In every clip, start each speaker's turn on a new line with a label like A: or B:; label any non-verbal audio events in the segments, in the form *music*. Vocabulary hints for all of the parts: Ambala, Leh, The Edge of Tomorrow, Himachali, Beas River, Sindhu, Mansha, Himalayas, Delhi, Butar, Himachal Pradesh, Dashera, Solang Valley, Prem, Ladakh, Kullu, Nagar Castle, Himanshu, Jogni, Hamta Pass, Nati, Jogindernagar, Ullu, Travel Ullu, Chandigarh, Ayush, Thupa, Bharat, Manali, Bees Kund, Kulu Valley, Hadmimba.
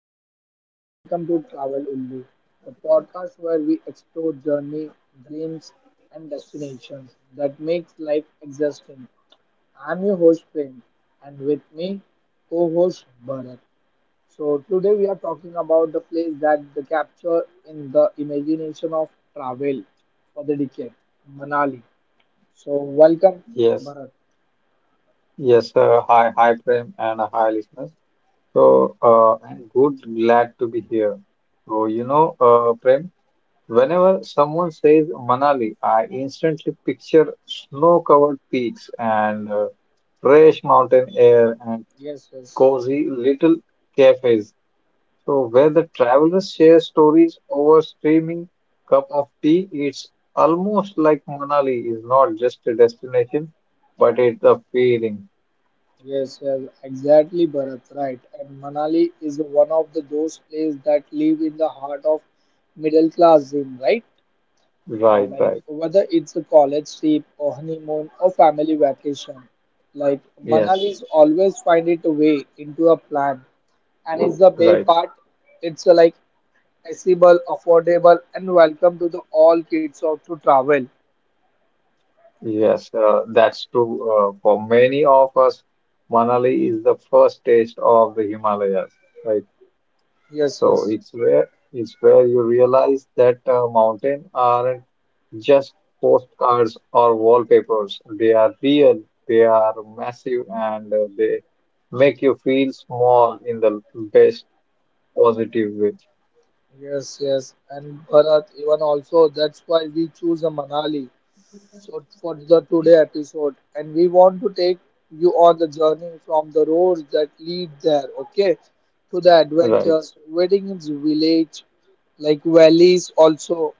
A: hello friends, welcome to Travel Ullu, the podcast where we explore journey, dreams, and destinations that makes life interesting. I'm your host Prem, and with me, co-host Bharat. So today we are talking about the place that the capture in the imagination of travel for the decade, Manali. So welcome,
B: Yes,
A: Bharat.
B: yes, hi, Prem, and hi, listeners. So, I'm good, glad to be here. So, Prem, whenever someone says Manali, I instantly picture snow-covered peaks and fresh mountain air and
A: Yes, yes.
B: cozy little cafes. So, where the travelers share stories over steaming cup of tea, it's almost like Manali is not just a destination, but it's a feeling.
A: Yes, yes, exactly, Bharat. Right. And Manali is one of the those places that live in the heart of middle class Zim, right? Or
B: Right,
A: like
B: right.
A: whether it's a college trip or honeymoon or family vacation, like
B: Yes, yes,
A: Manali's always find it a way into a plan, and it's the bay
B: right.
A: part. It's like accessible, affordable, and welcome to the all kids of to travel.
B: Yes, that's true. For many of us, Manali is the first taste of the Himalayas, right?
A: Yes,
B: So
A: yes,
B: it's where you realize that mountain aren't just postcards or wallpapers. They are real, they are massive, and they make you feel small in the best positive way.
A: yes. And Bharat, even also that's why we choose a Manali so for the today episode and we want to take you on the journey from the roads that lead there, okay, to the
B: Right.
A: adventures waiting in the village like valleys also,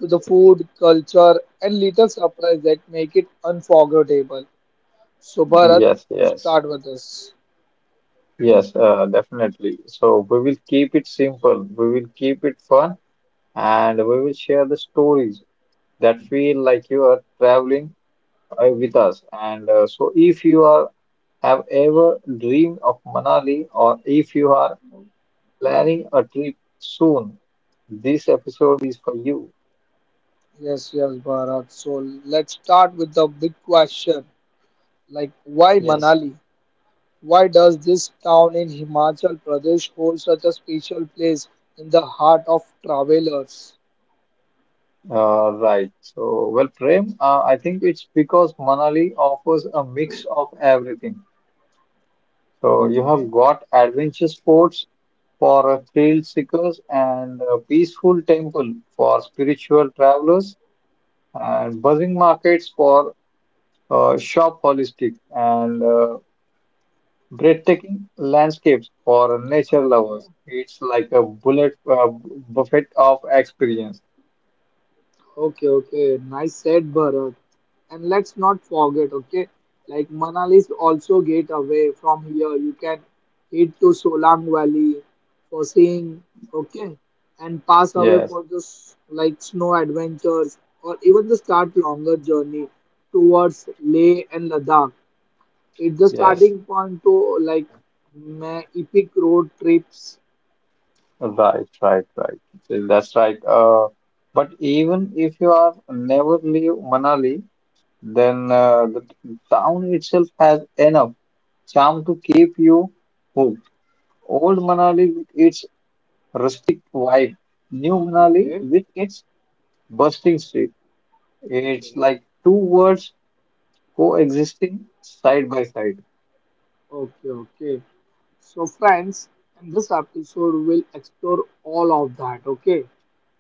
A: to the food culture and little surprise that make it unforgettable. So Bharat,
B: Yes, yes.
A: start with us.
B: Yes, definitely. So we will keep it simple, we will keep it fun, and we will share the stories that feel like you are traveling with us. And so, if you are have ever dreamed of Manali, or if you are planning a trip soon, this episode is for you.
A: Yes, yes, Bharat. So let's start with the big question, like why
B: Yes,
A: Manali? Why does this town in Himachal Pradesh hold such a special place in the heart of travelers?
B: right. So, well, Prem, I think it's because Manali offers a mix of everything. So, you have
A: Okay,
B: got adventure sports for thrill seekers and a peaceful temple for spiritual travelers and buzzing markets for shop holistic and breathtaking landscapes for nature
A: okay,
B: lovers. It's like a bullet buffet of experience.
A: okay. Nice said, Bharat. And let's not forget, okay, like Manali is also get away from here. You can head to Solang Valley for seeing, okay, and pass away
B: Yes,
A: for just like snow adventures, or even the start longer journey towards Leh and Ladakh. It's the
B: yes,
A: starting point to like my epic road trips.
B: right, right, right. So, that's right. But even if you are never leave Manali, then the town itself has enough charm to keep you hooked: Old Manali with its rustic vibe, New Manali
A: Okay,
B: with its bustling street. It's
A: okay,
B: like two worlds coexisting side by side.
A: okay. So, friends, in this episode, we'll explore all of that. Okay,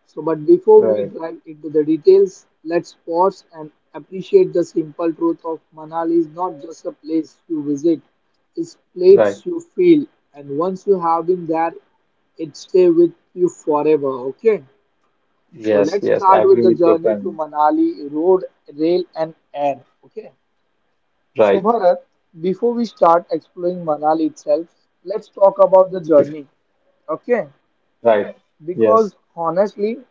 A: so but before we
B: Right,
A: dive into the details, let's pause and appreciate the simple truth of Manali is not just a place you visit, it's
B: right.
A: place you feel, and once you have been there, it stay with you forever. Okay. So
B: Yes,
A: let's
B: yes.
A: start
B: I
A: with
B: agree
A: the
B: with your
A: journey to
B: friend.
A: Manali, road, rail, and air. Okay. So
B: Right,
A: Bharat, before we start exploring Manali itself, let's talk about the
B: yeah,
A: journey. Okay.
B: right. Yes,
A: Because honestly,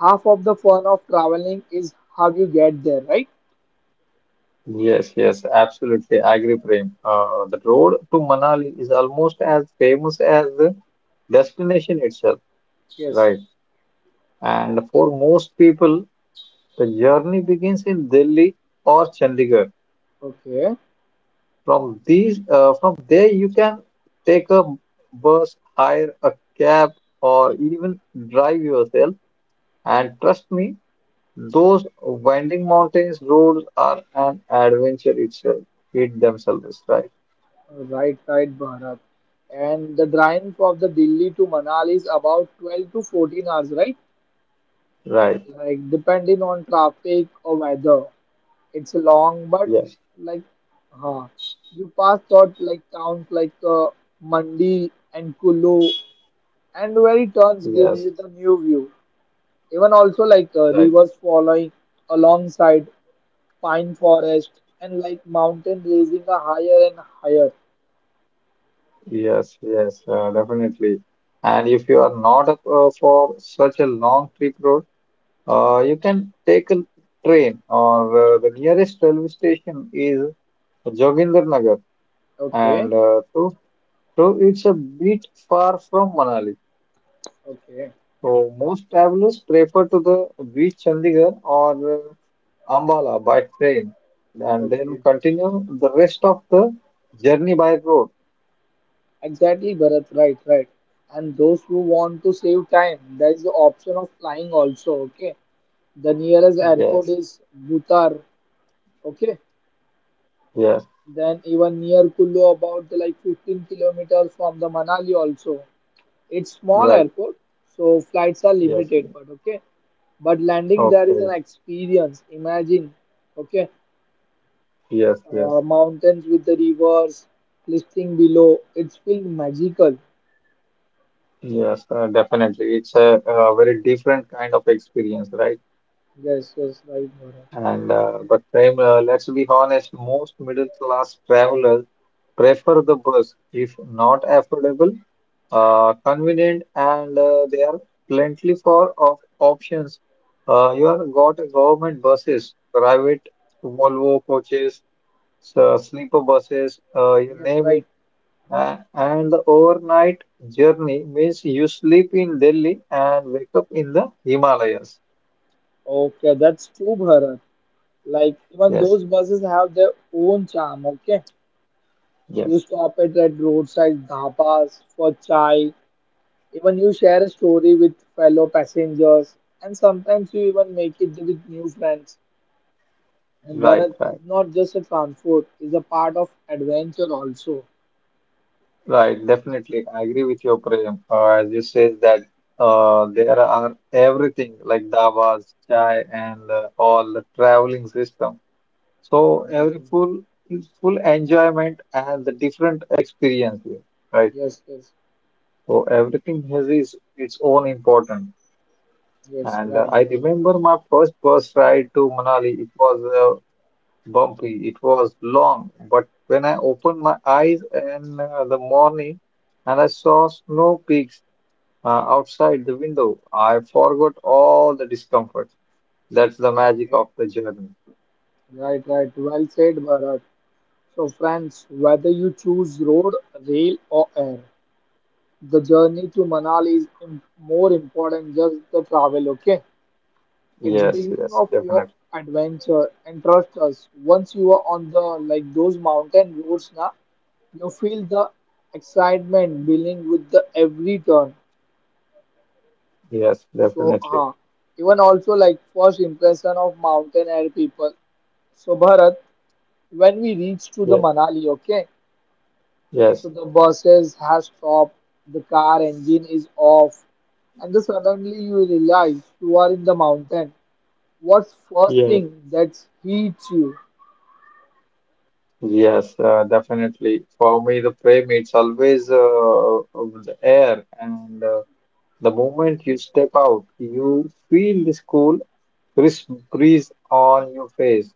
A: half of the fun of traveling is how you get there, right?
B: yes, yes. Absolutely. I agree, Prem. The road to Manali is almost as famous as the destination itself.
A: Yes.
B: Right. And for most people, the journey begins in Delhi or Chandigarh.
A: Okay.
B: From there you can take a bus, hire a cab, or even drive yourself. And trust me, those winding mountains roads are an adventure itself. It themselves, right?
A: Right, right, Bharat. And the drive of the Delhi to Manali is about 12 to 14 hours, right?
B: Right.
A: Like depending on traffic or weather. It's long, but
B: Yes.
A: like, huh. You pass thought like towns like Mandi and Kulu, and where it turns give you
B: Yes.
A: the new view. Even also like
B: Right.
A: rivers following alongside pine forest and like mountain raising a higher and higher.
B: Yes. Yes. Definitely. And if you are not up for such a long trip road, you can take a train or the nearest railway station is Jogindernagar and
A: Okay,
B: so, it's a bit far from Manali.
A: okay,
B: So most travelers prefer to the beach Chandigarh or Ambala by train and then
A: okay.
B: continue the rest of the journey by road.
A: Exactly, Bharat. Right, right. And those who want to save time, there is the option of flying also. Okay, the nearest airport
B: Yes,
A: is Butar. Okay.
B: yes,
A: Then even near Kullu, about like 15 kilometers from the Manali also. It's small
B: right.
A: airport, so flights are
B: Yes,
A: limited.
B: yes.
A: But okay. But landing there is an
B: Okay.
A: experience. Imagine, okay,
B: Yes, yes,
A: mountains with the rivers, listing below. It's feel magical.
B: yes, definitely. It's a very different kind of experience, right?
A: Yes, yes, right, Bharat.
B: And but Prem, let's be honest, most middle class travelers prefer the bus if not affordable, convenient, and there are plenty for of options. You have got government buses, private Volvo coaches, sleeper buses, you
A: Yes,
B: name
A: right.
B: it. And the overnight journey means you sleep in Delhi and wake up in the Himalayas.
A: Okay, that's true, Bharat. Like even
B: Yes,
A: those buses have their own charm. Okay,
B: yes,
A: you stop it at roadside dhabas for chai. Even you share a story with fellow passengers, and sometimes you even make it with new friends. And
B: right,
A: Bharat is
B: right.
A: not just a transport; it's a part of adventure also.
B: Right, definitely. I agree with your Prem. As you said that there are everything like davas, chai, and all the traveling system. So every
A: Amazing.
B: full enjoyment and the different experience here, right?
A: Yes, yes,
B: So everything has its own important.
A: yes.
B: And
A: Right.
B: I
A: Bharat.
B: remember my first bus ride to Manali. It was bumpy. It was long, but when I opened my eyes in the morning and I saw snow peaks. uh, Outside the window. I forgot all the discomfort. That's the magic
A: Okay.
B: of the journey.
A: Right, right. Well said, Bharat. So, friends, whether you choose road, rail, or air, the journey to Manali is more important just the travel. Okay. It's
B: Yes,
A: beginning
B: yes,
A: of your
B: definitely.
A: adventure, and trust us, once you are on the like those mountain roads now, you feel the excitement building with the every turn.
B: Yes,
A: So,
B: definitely.
A: Even also like first impression of mountain air people. So Bharat, when we reach to the
B: Yes,
A: Manali, okay,
B: yes,
A: so the buses has stopped, the car engine is off, and then suddenly you realize you are in the mountain. What's first
B: yes,
A: thing that hits you?
B: yes, definitely. For me, the frame it's always of the air, and the moment you step out, you feel this cool, crisp breeze on your face.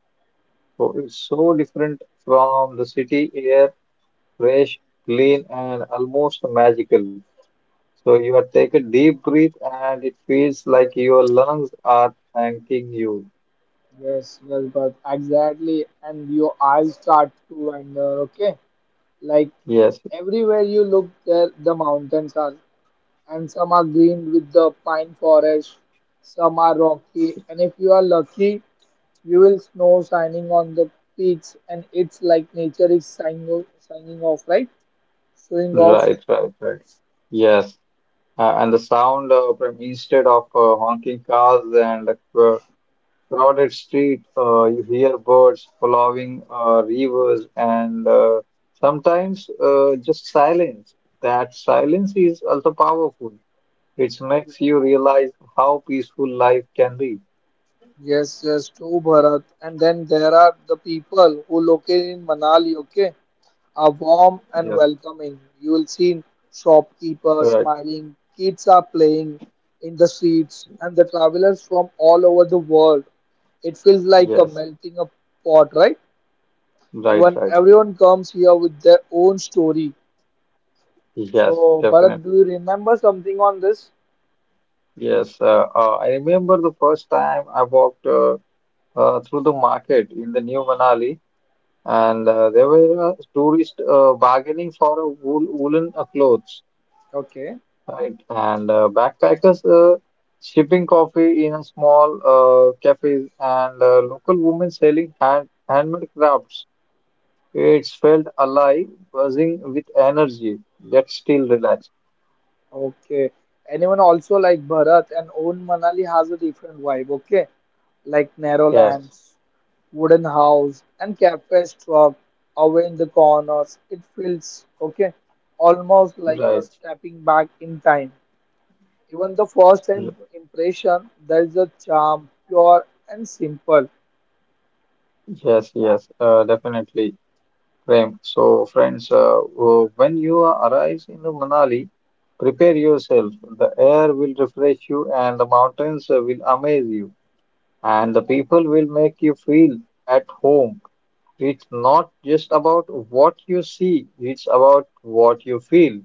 B: So it's so different from the city air, fresh, clean, and almost magical. So you are take a deep breath and it feels like your lungs are thanking you.
A: Yes, yes, but exactly, and your eyes start to wander. Okay, like
B: Yes,
A: everywhere you look, there the mountains are, and some are green with the pine forest, some are rocky, and if you are lucky, you will snow shining on the peaks, and it's like nature is signing off, right? Showing off.
B: right, right, right. Yes. And the sound from instead of honking cars and crowded street, you hear birds following rivers and sometimes just silence. That silence is also powerful. It makes you realize how peaceful life can be.
A: Yes, yes, true, Bharat. And then there are the people who located in Manali. Okay, are warm and
B: Yes,
A: welcoming. You will see shopkeepers
B: right.
A: smiling, kids are playing in the streets, and the travelers from all over the world. It feels like a
B: Yes,
A: melting of pot, right?
B: right,
A: Even
B: right, right.
A: everyone comes here with their own story.
B: Yes,
A: So,
B: definitely.
A: Bharat, do you remember something on this?
B: Yes, I remember the first time I walked through the market in the New Manali, and there were tourists bargaining for a woolen clothes,
A: Okay.
B: right? And backpackers shipping coffee in a small cafes, and local women selling handmade crafts. It felt alive, buzzing with energy, yet still relaxed.
A: Okay. Anyone also like Bharat and own Manali has a different vibe, okay? Like narrow
B: Yes,
A: lands, wooden house, and cafe truck away in the corners. It feels okay, almost like a
B: right.
A: stepping back in time. Even the first impression, there is a charm, pure and simple.
B: Yes, yes, definitely, Prem. So, friends, when you arrive in the Manali, prepare yourself. The air will refresh you, and the mountains will amaze you, and the people will make you feel at home. It's not just about what you see, it's about what you feel.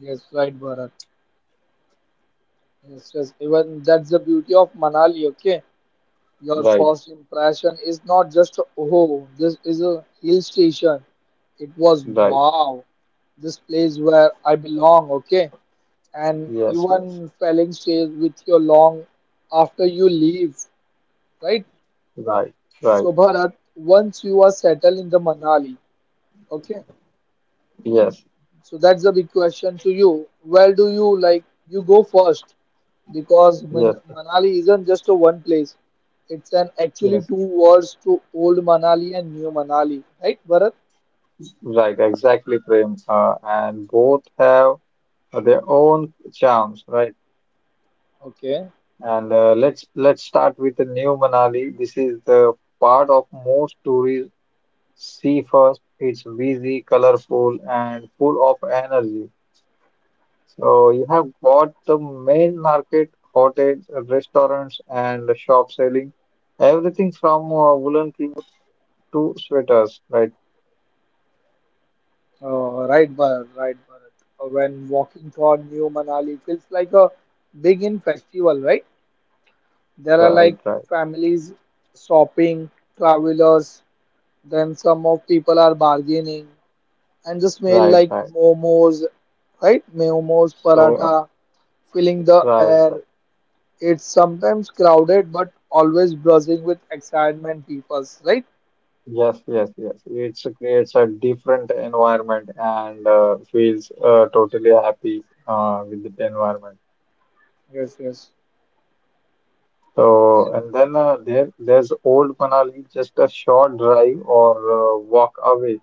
A: Yes, right, Bharat. Yes, yes. Even that's the beauty of Manali, okay? Your
B: Right,
A: first impression is not just, oh, this is a hill station. It was,
B: right.
A: wow, this place where I belong, okay? And
B: Yes, yes.
A: even felling stays with your long after you leave, right?
B: Right, right.
A: So, Bharat, once you are settled in the Manali, okay?
B: Yes,
A: So that's the big question to you. Where do you like you go first? Because
B: yes,
A: Manali isn't just a one place. It's an actually
B: yes.
A: two worlds to old Manali and new Manali, right, Bharat?
B: Right, exactly, Prem. And both have their own charms, right?
A: Okay,
B: And let's start with the New Manali. This is the part of most tourists see first. It's busy, colorful, and full of energy. So you have got the main market, hotels, restaurants, and the shop selling everything from woolen clothes to sweaters, right?
A: right, Bharat. When walking toward new Manali, it feels like a big in festival, right? There are like
B: Right, right,
A: families shopping, travelers, then some of people are bargaining, and the smell
B: right,
A: like
B: right.
A: momos, right? Momos,
B: So,
A: paratha, filling the
B: right.
A: air. It's sometimes crowded but always buzzing with excitement, peoples, right?
B: Yes, yes, yes. It creates a different environment and feels totally happy with the environment.
A: Yes, yes.
B: So,
A: And
B: and then there's old Manali, just a short drive or walk away,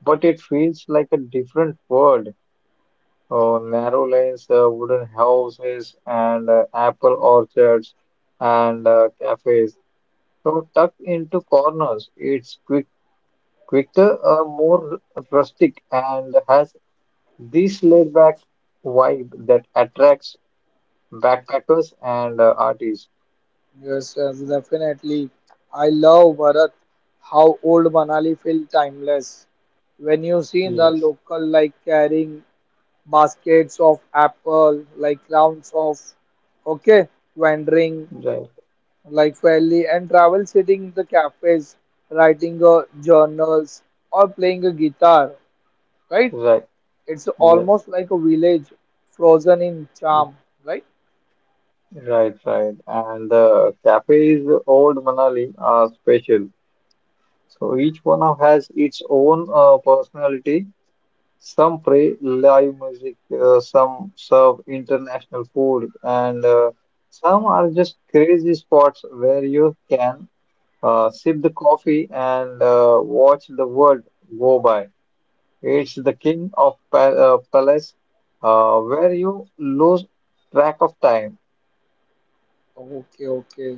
B: but it feels like a different world. Narrow lanes, wooden houses, and apple orchards and cafes. So tucked into corners, it's quicker, more rustic, and has this laid-back vibe that attracts backpackers and artists.
A: yes, yes, definitely. I love Bharat, how old Manali feels timeless. When you see the
B: Yes,
A: local like carrying baskets of apple, like rounds of, okay, wandering
B: right,
A: like fairly and travel sitting in the cafes writing journals or playing a guitar, right?
B: right,
A: It's
B: yes,
A: almost like a village frozen in
B: y-
A: charm, right?
B: right, right. And the cafes, Old Manali, are special. So each one of has its own personality. Some play live music, some serve international food, and some are just crazy spots where you can sip the coffee and watch the world go by. It's the king of pa palace where you lose track of time.
A: Okay, okay.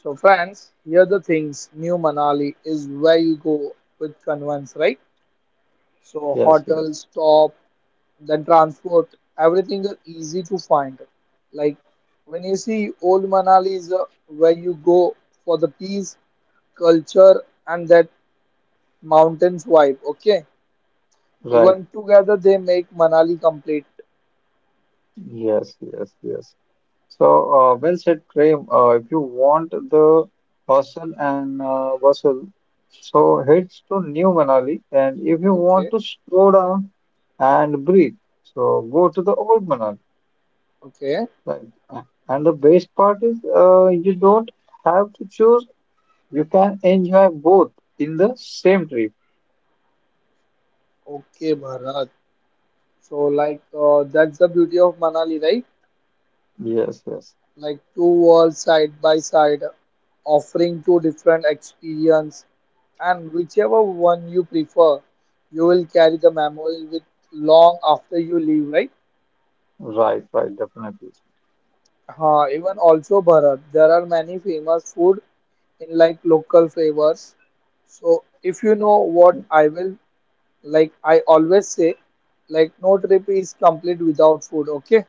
A: So friends, here the things, new Manali is where you go with convenience, right? So
B: Yes, yes,
A: hotels stop, then transport, everything is easy to find. Like when you see old Manali is where you go for the peace, culture, and that mountains wide. Okay,
B: right.
A: even together they make Manali complete.
B: Yes, yes, yes. So, well said, Prem. If you want the hustle and bustle, so heads to New Manali. And if you want
A: Okay,
B: to slow down and breathe, so go to the old Manali.
A: okay,
B: Like, uh, and the best part is, you don't have to choose. You can enjoy both in the same trip.
A: okay, Bharat. So, like, that's the beauty of Manali, right?
B: Yes, yes.
A: Like, two worlds side by side, offering two different experience, and whichever one you prefer, you will carry the memory with long after you leave, right?
B: Right, right, definitely.
A: Even also, Bharat, there are many famous food in like local flavors. So, if you know what I will like I always say, like no trip is complete without food, okay?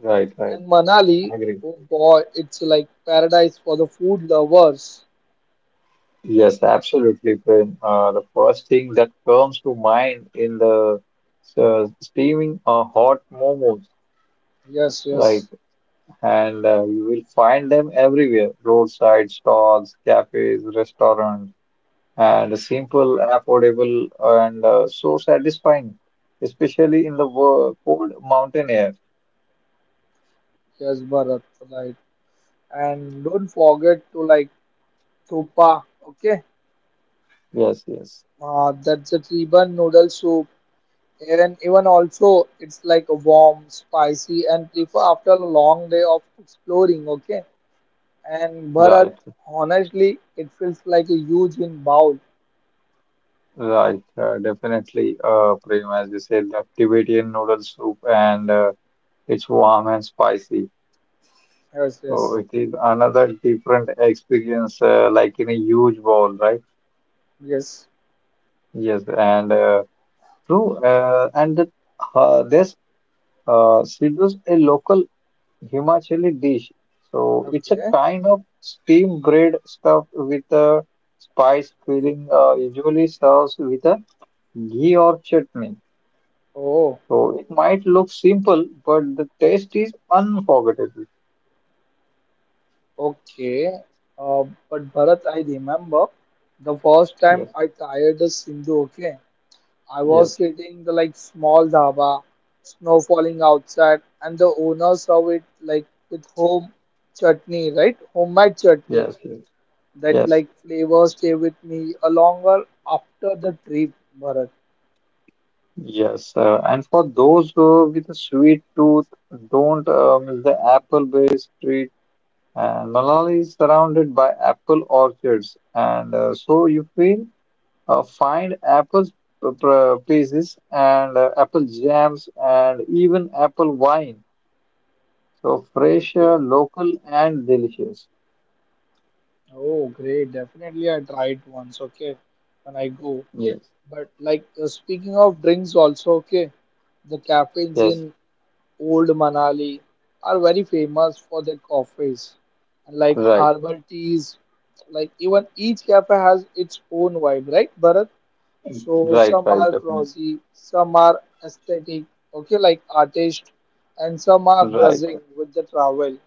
B: Right, right.
A: And Manali,
B: I agree.
A: oh boy, it's like paradise for the food lovers.
B: Yes, absolutely, Prem. The first thing that comes to mind in the steaming hot momos,
A: Yes,
B: like,
A: yes,
B: and you will find them everywhere, roadside stalls, cafes, restaurants. And simple, affordable, and so satisfying, especially in the cold mountain air.
A: yes, Bharat, right. And don't forget to like Thupa, okay?
B: Yes, yes,
A: That's a Theban noodle soup. And even also, it's like a warm, spicy, and prefer after a long day of exploring, okay? And Bharat,
B: right,
A: honestly, it feels like a huge in bowl.
B: right, definitely. Prem, as you said, the Tibetan noodle soup, and it's warm and spicy.
A: Yes,
B: So
A: yes.
B: it is another different experience, like in a huge bowl, right?
A: Yes.
B: Yes, and true. And that, this she was a local. Himachali dish. So it's a
A: Okay.
B: kind of steamed bread stuffed with a spice filling, usually serves with a ghee or chutney.
A: Oh,
B: So it might look simple, but the taste is unforgettable.
A: okay. Uh, but Bharat, I remember the first time
B: Yes,
A: I tried the Sindhu. Okay, I was
B: yes,
A: sitting the like small dhaba, snow falling outside, and the owner served it like with home chutney, right? Homemade chutney.
B: yes, yes,
A: That
B: yes.
A: like flavor stay with me a longer after the trip, Bharat.
B: Yes. And for those with a sweet tooth, don't miss the apple-based treat. And Manali is surrounded by apple orchards, and so you feel find apple pieces and apple jams and even apple wine. So fresh,
A: Okay.
B: local, and delicious.
A: Oh, great. Definitely, I tried once. Okay, when I go.
B: Yes,
A: But like speaking of drinks also, okay, the cafes
B: yes,
A: in Old Manali are very famous for their coffees and like
B: right,
A: herbal teas. Like even each cafe has its own vibe, right, Bharat? So
B: right,
A: some
B: right,
A: are
B: definitely,
A: crossy, some are aesthetic, okay, like artist, and some are
B: right.
A: buzzing with the travel.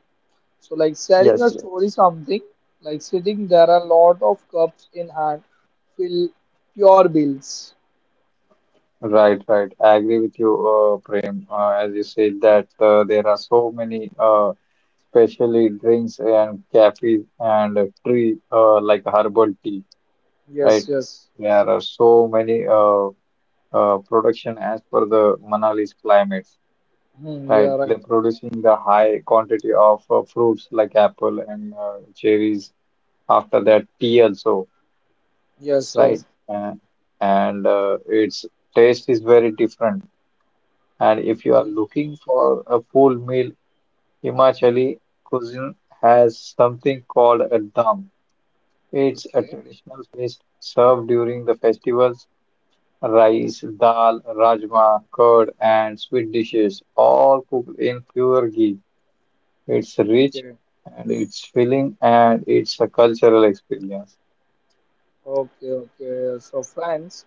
A: So like sharing
B: Yes,
A: a
B: yes,
A: story, something like sitting there, a lot of cups in hand, fill pure bills.
B: right, right. I agree with you, Prem. As you said that there are so many especially drinks and cafes and tree like herbal tea,
A: Yes,
B: right?
A: yes.
B: There are so many. Production as per the Manali's climates,
A: Hmm, you
B: right?
A: are right.
B: They're producing the high quantity of fruits like apple and cherries. After that, tea also,
A: Yes,
B: right?
A: yes.
B: Uh, and its taste is very different. And if you are
A: Yes.
B: looking for a full meal, Himachali cuisine has something called a dum. It's a
A: Okay,
B: traditional feast served during the festivals: rice, dal, rajma, curd, and sweet dishes, all cooked in pure ghee. It's rich
A: okay,
B: and it's filling and it's a cultural experience.
A: okay. So, friends,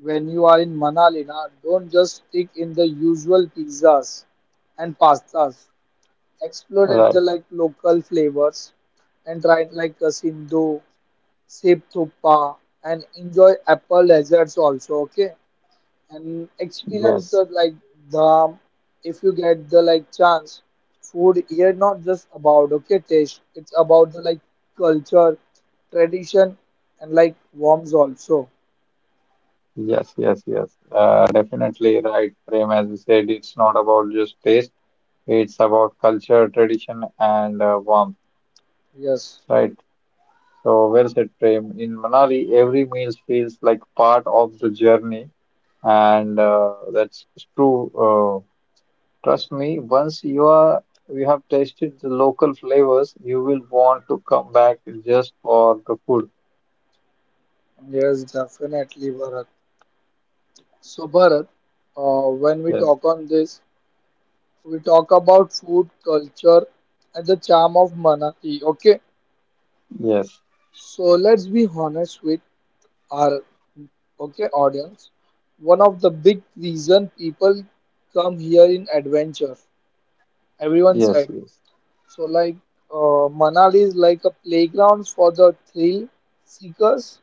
A: when you are in Manali, na, don't just stick in the usual pizzas and pastas. Explore at the
B: Right.
A: like local flavors and try it like a Sindhu, Sep Thuppa, and enjoy apple desserts also. Okay, and experience the
B: Yes.
A: like, the, if you get the like chance, food here not just about okay taste, it's about the like culture, tradition, and like warms also.
B: Yes. Yes. Yes. Definitely right, Prem. As you said, it's not about just taste, it's about culture, tradition, and warmth.
A: Yes,
B: Right. So, well said, Prem. In Manali, every meal feels like part of the journey, and that's true. Trust me, once you have tasted the local flavors, you will want to come back just for the food.
A: yes, definitely, Bharat. So Bharat, when we
B: Yes,
A: talk on this, we talk about food culture and the charm of Manati, okay?
B: yes,
A: So let's be honest with our, okay, audience. One of the big reason people come here in adventure. Everyone
B: yes,
A: said
B: yes.
A: so. Like Manali is like a playground for the thrill seekers.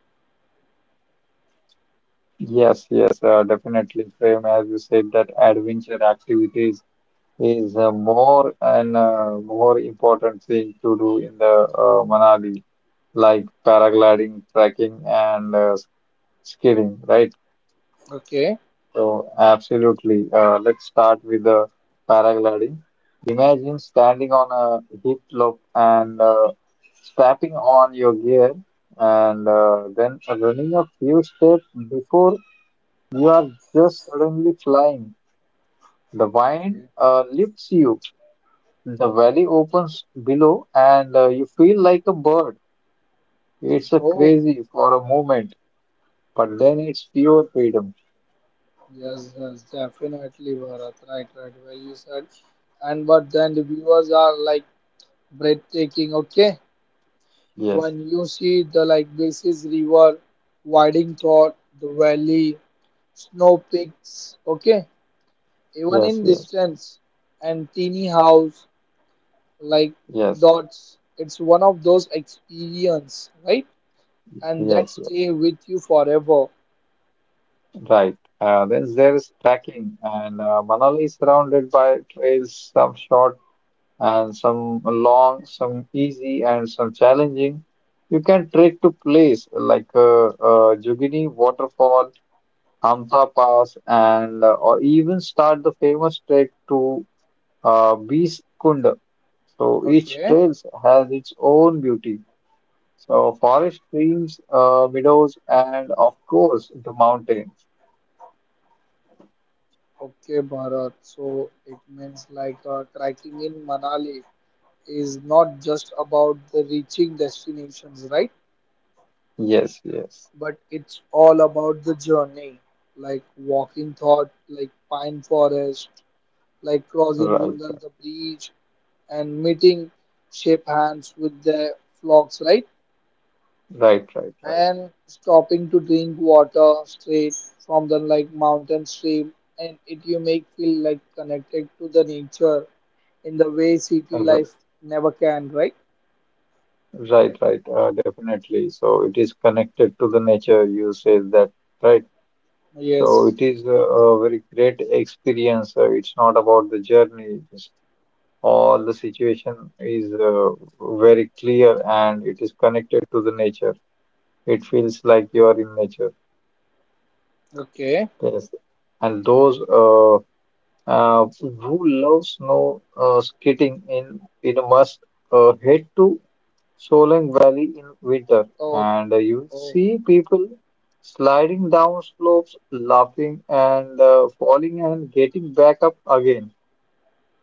B: Yes, yes, definitely, Prem. As you said, that adventure activities is more and more important thing to do in the Manali, like paragliding, trekking, and skidding, right?
A: Okay.
B: So, absolutely. Let's start with the paragliding. Imagine standing on a heat loop and strapping on your gear and then running a few steps before you are just suddenly flying. The wind
A: Okay.
B: lifts you, the valley opens below, and you feel like a bird. It's a
A: Oh,
B: crazy for a moment, but then it's pure freedom.
A: yes, yes, definitely, Bharat. Right, right. Well, you said. And but then the viewers are like breathtaking. Okay.
B: Yes,
A: Even you see the like Basis River, Winding Thought, the valley, snow peaks. Okay. Even
B: yes,
A: in
B: yes,
A: distance and teeny house like
B: yes,
A: dots, it's one of those experience, right? And that
B: yes, yes.
A: stay with you forever.
B: Right. Then there is trekking, and Manali is surrounded by trails, some short and some long, some easy and some challenging. You can trek to place like Jogini Waterfall, Hamta Pass, and or even start the famous trek to Bees Kund. So each
A: Okay,
B: trail has its own beauty. So forest, streams, meadows, and of course the mountains.
A: okay, Bharat. So it means like trekking in Manali is not just about the reaching destinations, right?
B: Yes, yes.
A: But it's all about the journey, like walking thought, like pine forest, like crossing Wundal
B: Right,
A: the bridge, and meeting shape hands with their flocks, right?
B: right, right, right,
A: And stopping to drink water straight from the like mountain stream, and it you make feel like connected to the nature in the way city
B: Uh, r-
A: life never can, right?
B: right, right. Definitely. So it is connected to the nature. You say that, right? So
A: Yes.
B: it is a very great experience. It's not about the journey. It's all the situation is very clear, and it is connected to the nature. It feels like you are in nature.
A: Okay.
B: Yes, and those who love snow skating in a must head to. Solang Valley in winter,
A: Oh.
B: and you
A: Oh.
B: see people sliding down slopes, laughing and falling and getting back up again,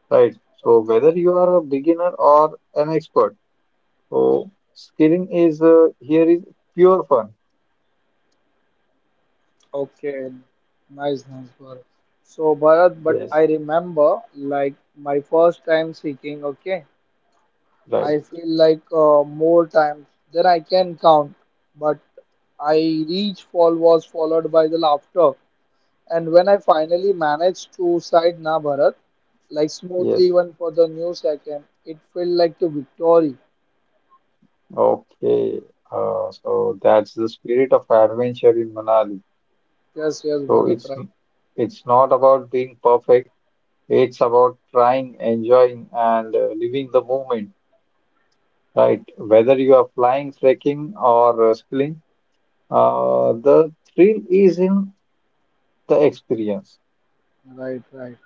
B: right? So whether
A: Okay.
B: you are a beginner or an expert, so skiing is here is pure fun.
A: Okay. Nice, nice, Bharat. So, Bharat, but
B: Yes,
A: I remember like my first time seeking. Okay,
B: right.
A: I feel like more times than I can count, but I reach fall was followed by the laughter. And when I finally managed to side Na Bharat, like smoothly
B: Yes.
A: even for the new second, it felt like to victory.
B: Okay. So that's the spirit of adventure in Manali.
A: Yes, yes,
B: So
A: Bharat,
B: it's
A: right,
B: it's not about being perfect. It's about trying, enjoying, and living the moment, right? Whether you are flying, trekking, or skiing, the thrill is in the experience,
A: right, right.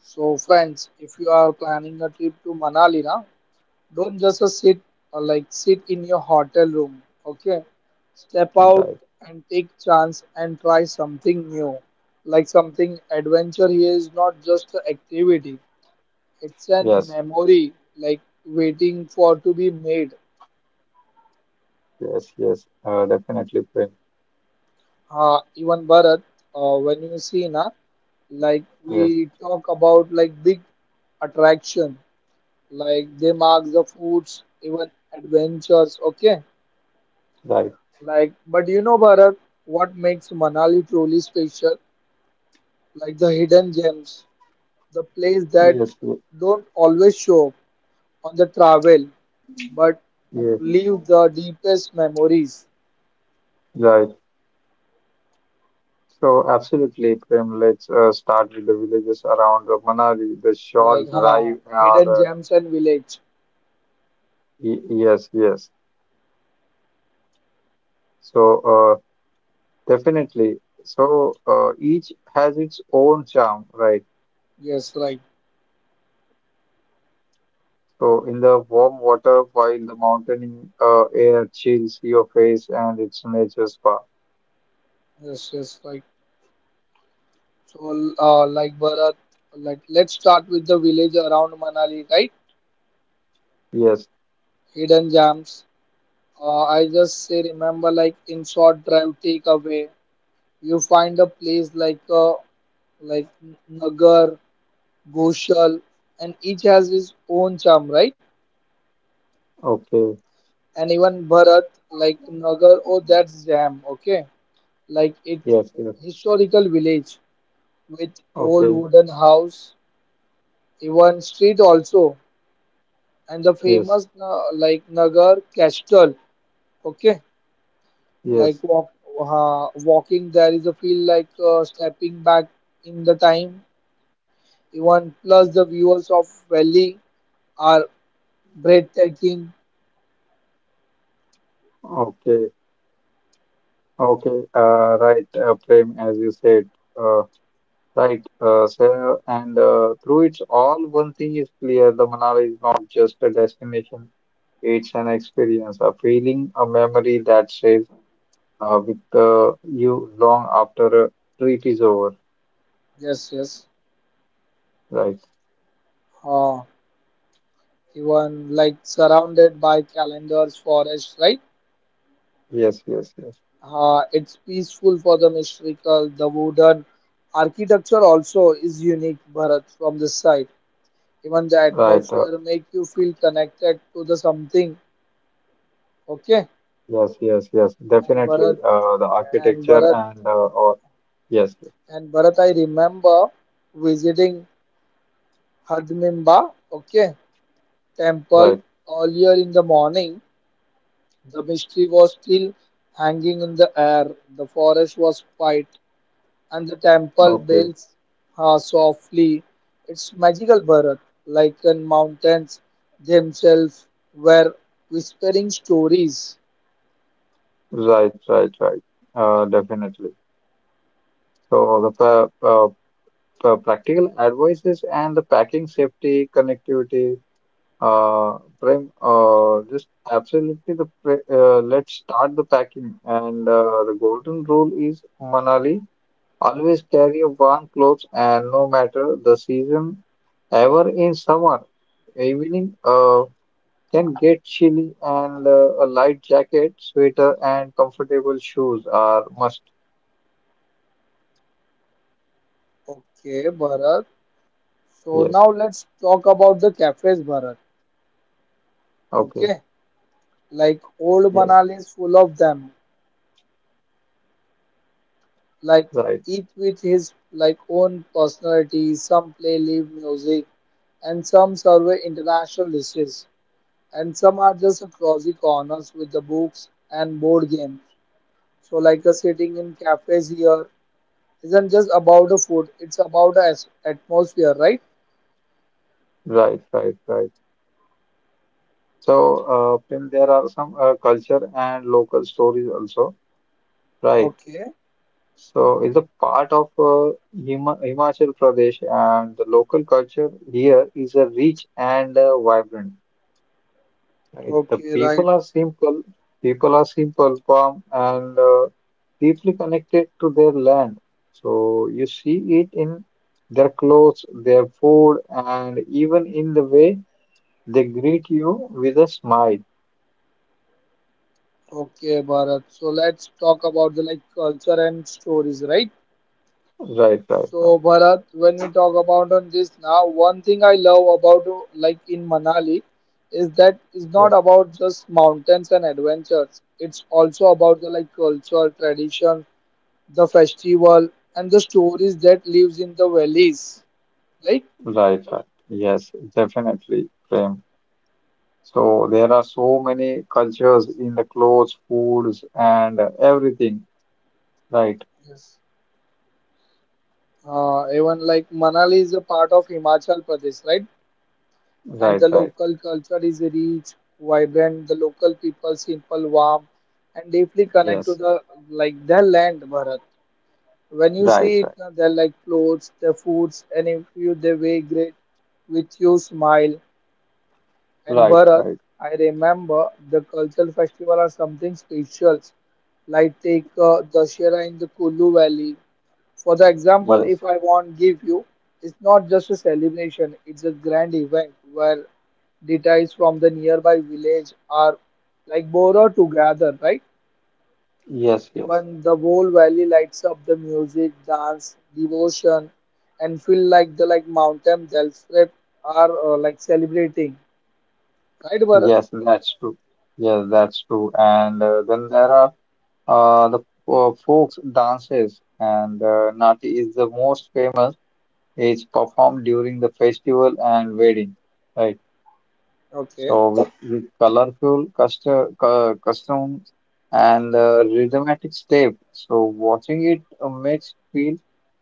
A: So friends, if you are planning a trip to Manali, na, don't just sit or like sit in your hotel room. Okay, step out
B: right?
A: and take chance and try something new. Like something adventure here is not just an activity. It's an
B: Yes,
A: memory like waiting for to be made.
B: yes, yes, definitely, Prem.
A: Even Bharat, when you see na, like
B: Yes,
A: we talk about like big attraction, like they mark the foods even adventures, okay.
B: right.
A: Like, but you know, Bharat, what makes Manali truly special? Like the hidden gems, the place that
B: Yes, yes,
A: don't always show up on the travel, but
B: yes,
A: leave the deepest memories.
B: right. So, absolutely, Prem. Let's start with the villages around Manali, the short
A: Like,
B: drive,
A: hidden
B: or uh,
A: gems and village.
B: y- yes, yes. So, uh. Definitely. So each has its own charm, right?
A: Yes, right.
B: So in the warm water, while the mountain air chills your face and it's nature spa.
A: Yes, yes, right. So, like Bharat, like let's start with the village around Manali, right?
B: Yes.
A: Hidden gems. I just say remember, like in short drive takeaway. You find a place like a like Nagar, Goshal, and each has its own charm, right?
B: Okay.
A: And even Bharat, like Nagar, oh, that's jam, okay? Like it's
B: Yes. Yes.
A: historical village with old
B: Okay.
A: wooden house, even street also, and the
B: Yes.
A: famous like Nagar Castle, okay? Like
B: Yes.
A: walk, uh, walking there is a feel like stepping back in the time. Even plus the views of valley are breathtaking
B: Okay. Okay. Right. Prem, as you said. Uh, right. So, and through it all, one thing is clear: the Manali is not just a destination. It's an experience, a feeling, a memory that stays with you long after a treat is over.
A: gestures.
B: Right.
A: Uh, Even like surrounded by calendars, forest, right?
B: Yes, yes, yes.
A: It's peaceful for the mystical. The wooden architecture also is unique, Bharat, from this side. Even the
B: Right.
A: atmosphere make you feel connected to the something. Okay,
B: Yes, yes, yes.
A: and
B: Definitely.
A: Bharat,
B: The
A: and
B: architecture
A: Bharat,
B: and or yes, yes.
A: and Bharat. I remember visiting Hadmimba, okay, temple
B: Right.
A: earlier in the morning. The mystery was still hanging in the air, the forest was quiet, and the temple
B: Okay.
A: bells softly. Its magical Bharat, lichen mountains themselves, were whispering stories.
B: Right, right, right. Definitely. So the practical advices and the packing safety connectivity. Prime, just absolutely the pre let's start the packing and the golden rule is Manali. Always carry warm clothes and no matter the season, ever in summer, evening can get chilly and a light jacket, sweater and comfortable shoes are must.
A: Okay, Bharat. So
B: Yes.
A: now let's talk about the cafes, Bharat.
B: Okay.
A: Okay, like old
B: Yes.
A: Manali is full of them, like
B: Right.
A: each with his like own personality. Some play live music, and some survey international dishes, and some are just cozy corners with the books and board games. So like a sitting in cafes here isn't just about the food; it's about the atmosphere, right?
B: Right. Right. Right. So, then there are some culture and local stories also. Right.
A: Okay,
B: So it's a part of Himachal Pradesh and the local culture here is a rich and vibrant. Right. The
A: okay, right.
B: people are simple, calm, and deeply connected to their land. So you see it in their clothes, their food, and even in the way they greet you with a smile.
A: Okay, Bharat. So let's talk about the like culture and stories, right?
B: Right, right, right.
A: So Bharat, when we talk about on this now, one thing I love about like in Manali is that it's not
B: Yes,
A: about just mountains and adventures. It's also about the like culture, tradition, the festival, and the stories that lives in the valleys, right?
B: right, right. Yes, definitely, Prem. So there are so many cultures in the clothes, foods, and everything. Right,
A: Yes. Even like Manali is a part of Himachal Pradesh, right? And
B: right,
A: the
B: right.
A: local culture is rich, vibrant. The local people simple, warm, and deeply connect to
B: Yes,
A: the like their land, Bharat. When you
B: right,
A: see it,
B: right,
A: they're like clothes, they foods, and if you they weigh great with you smile. And
B: right,
A: Bharat,
B: right.
A: I remember the cultural festival are something special. Like take Dashera in the Kulu Valley. For the example,
B: Yes.
A: if I want give you, it's not just a celebration; it's a grand event where deities from the nearby village are like borrowed together, right?
B: Yes, yes,
A: Even the whole valley lights up the music, dance, devotion, and feel like the like mountain themselves are like celebrating. Right, Bharat?
B: yes, that's true. Yes, that's true. And then there are the folks dances, and Nati is the most famous. It's performed during the festival and wedding, right?
A: Okay.
B: So with colorful custom, costumes and rhythmic step. So watching it makes feel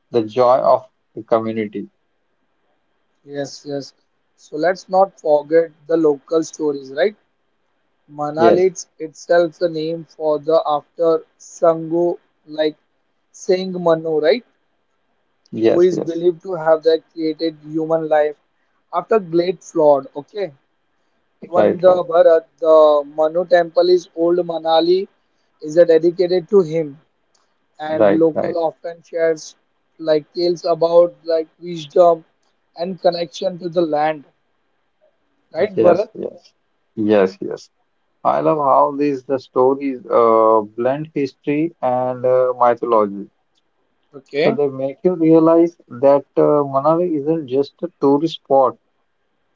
B: the joy of the community.
A: Yes, yes. So let's not forget the local stories, right? Manali
B: Yes,
A: it's itself the name for the after Sangu like Singh Manu, right? Who
B: yes,
A: is
B: yes.
A: believed to have that created human life after great flood. Okay, even
B: Right, right,
A: the Bharat, the Manu temple is old Manali, is dedicated to him, and
B: right,
A: local
B: right.
A: often shares like tales about like wisdom and connection to the land. Right,
B: Yes,
A: Bharat?
B: yes, yes, yes. I love how these the stories blend history and mythology. So
A: Okay.
B: they make you realize that Manali isn't just a tourist spot.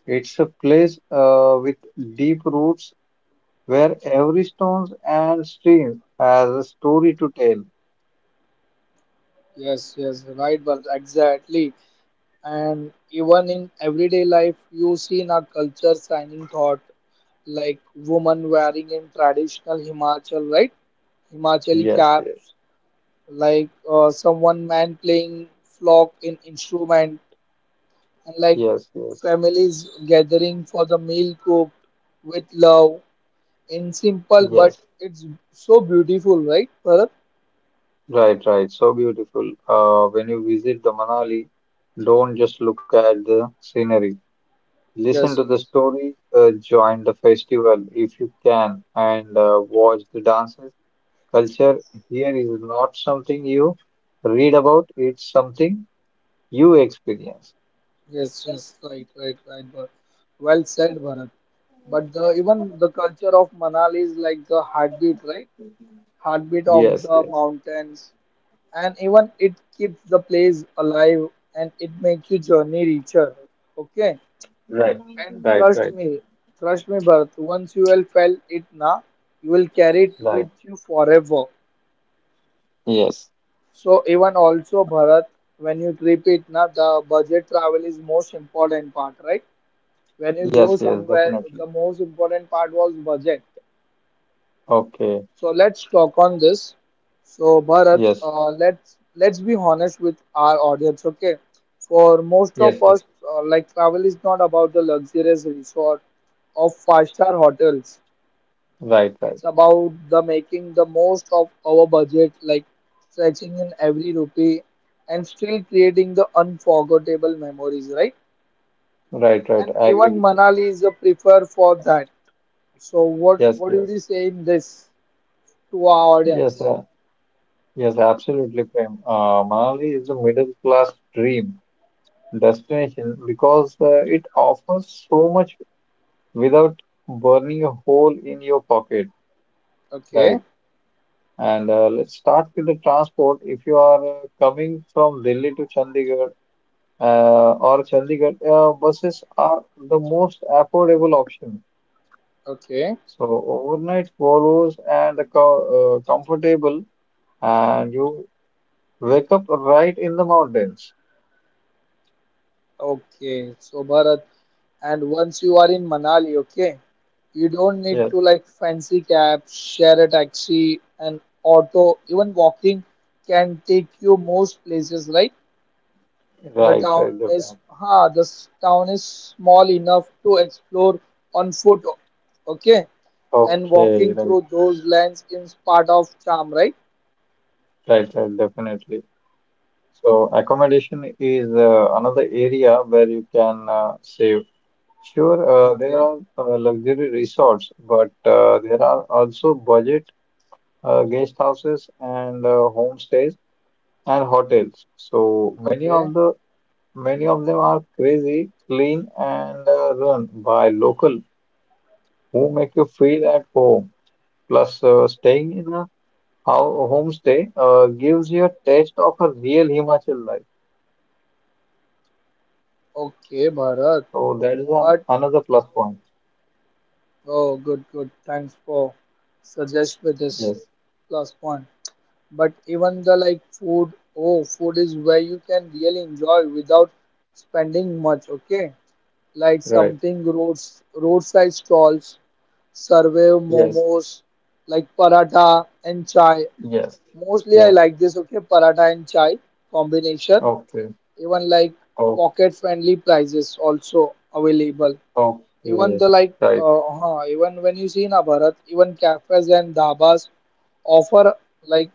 B: It's a place with deep roots where every stone and stream has a story to tell.
A: Yes, yes, right, Bharat. Exactly. And even in everyday life, you see in our culture signing thought like woman wearing in traditional Himachal, right? Himachali
B: Yes,
A: cap,
B: yes,
A: like someone man playing flock in instrument, and like
B: yes, yes,
A: families gathering for the meal cooked with love in simple,
B: yes.
A: but it's so beautiful, right, Bharat?
B: Right, right. So beautiful. When you visit the Manali, don't just look at the scenery. Listen
A: Yes,
B: to the
A: yes,
B: story, join the festival if you can, and watch the dances. Culture here is not something you read about, it's something you experience.
A: yes, yes, right, right, right, Bharat. Well said, Bharat. But the even the culture of Manali is like the heartbeat, right? Heartbeat of
B: Yes,
A: the
B: yes,
A: mountains, and even it keeps the place alive, and it makes your journey richer, okay.
B: right,
A: And
B: right, right,
A: trust me, Bharat, once you will felt it na, you will carry it
B: right.
A: with you forever.
B: Yes,
A: So even also Bharat, when you trip it na, the budget travel is most important part, right? When you
B: yes,
A: go
B: yes,
A: somewhere,
B: definitely.
A: the most important part was budget.
B: Okay,
A: So let's talk on this. So Bharat,
B: yes,
A: let's be honest with our audience, okay? For most
B: yes,
A: of
B: yes.
A: us, like travel is not about the luxurious resort of five-star hotels.
B: Right, right,
A: It's about the making the most of our budget, like stretching in every rupee and still creating the unforgettable memories, right?
B: right, right.
A: And
B: I agree
A: even
B: with you.
A: Manali is a prefer for that. So what
B: Yes,
A: what do
B: yes,
A: you say in this to our
B: yes,
A: audience?
B: yes, absolutely, Prem. Manali is a middle class dream destination because it offers so much without burning a hole in your pocket,
A: Okay,
B: right? And let's start with the transport. If you are coming from Delhi to Chandigarh or Chandigarh, buses are the most affordable option.
A: okay,
B: So overnight Volvos and the comfortable, and you wake up right in the mountains.
A: okay. So Bharat, and once you are in Manali, okay, you don't need
B: Yes,
A: to like fancy cab, share a taxi, an auto, even walking can take you most places, right? The
B: right, right,
A: town is
B: definitely.
A: ha, the town is small enough to explore on foot, okay, and
B: Okay,
A: walking
B: right,
A: through those lands is part of charm, right?
B: right, right, definitely. So accommodation is another area where you can save. Sure, there
A: Okay,
B: are luxury resorts, but there are also budget guest houses and homestays and hotels. So many
A: okay,
B: of the many of them are crazy, clean, and run by local who make you feel at home. Plus, staying in a homestay gives you a taste of a real Himachal life.
A: okay, Bharat.
B: So that is
A: But
B: another plus point.
A: oh, good, good. Thanks for suggest with this
B: Yes,
A: plus one. But even the like food, oh, food is where you can really enjoy without spending much, okay? Like
B: right.
A: something roads roadside stalls serve
B: Yes,
A: momos, like paratha and chai.
B: yes,
A: Mostly I
B: yeah.
A: like this, okay, paratha and chai combination.
B: Okay,
A: Even like
B: oh,
A: pocket friendly prices also available. Even
B: okay.
A: the like
B: Right,
A: even when you see na Bharat, even cafes and dhabas offer like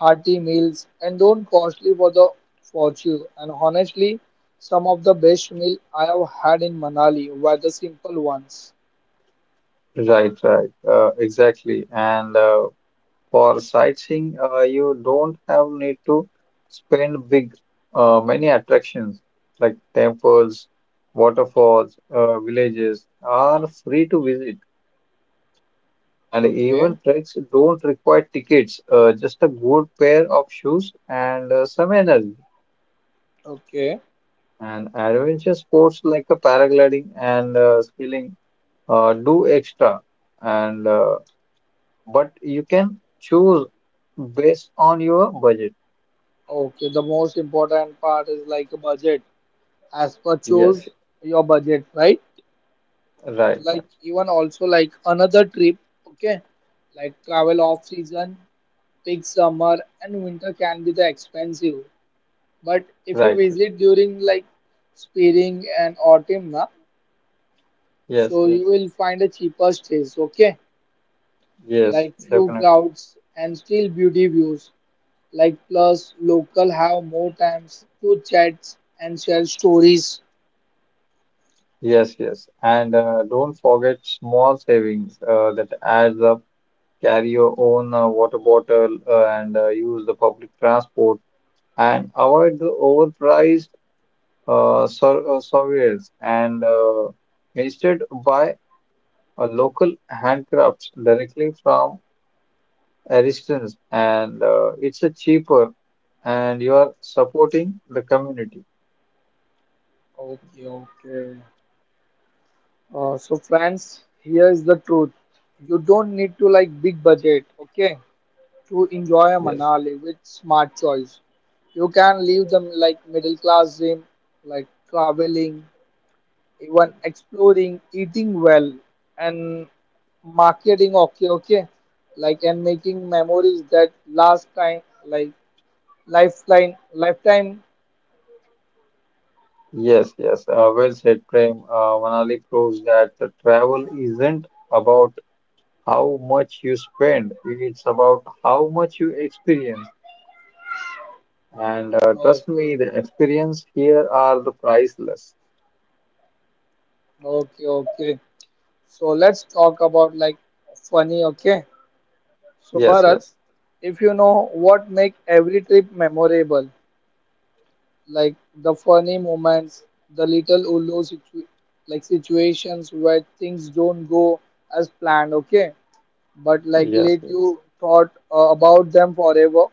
A: hearty meals and don't costly for the fortune. And honestly, some of the best meal I have had in Manali were the simple ones.
B: right, right. Exactly. And for sightseeing, you don't have need to spend big, many attractions like temples, waterfalls, villages are free to visit. And
A: Okay,
B: even treks don't require tickets, just a good pair of shoes and some energy.
A: okay,
B: And adventure sports like a paragliding and skiing do extra, and but you can choose based on your budget.
A: okay. The most important part is like a budget. As per
B: Yes,
A: choose your budget, right?
B: right,
A: Like
B: right,
A: even also like another trip. Okay, like travel off season peak summer and winter can be the expensive. But if you
B: right. Right.
A: visit during like spring and autumn, na,
B: Yes,
A: so
B: yes,
A: you will find a cheaper stays, okay?
B: yes,
A: Like few
B: definitely.
A: crowds and still beauty views. Like plus local have more times to chat and share stories.
B: Yes, yes. And don't forget small savings that adds up. Carry your own water bottle and use the public transport and avoid the overpriced surveyors and instead buy a local handcrafts directly from artisans and it's a cheaper and you are supporting the community.
A: Okay, okay. So friends, here is the truth. You don't need to like big budget, okay, to enjoy
B: Yes.
A: Manali with smart choice. You can live the like middle class dream, like traveling, even exploring, eating well, and marketing. Okay, okay, like and making memories that last time, like lifetime.
B: Yes, yes. Well said, Prem. Manali proves that the travel isn't about how much you spend, it's about how much you experience. And trust me,
A: Okay,
B: the experience here are the priceless.
A: okay, okay. So let's talk about like funny. Okay, so
B: Yes,
A: Bharat,
B: yes.
A: if you know what make every trip memorable, like the funny moments, the little like situations where things don't go as planned, okay? But like
B: Yes,
A: let
B: yes.
A: you thought about them forever,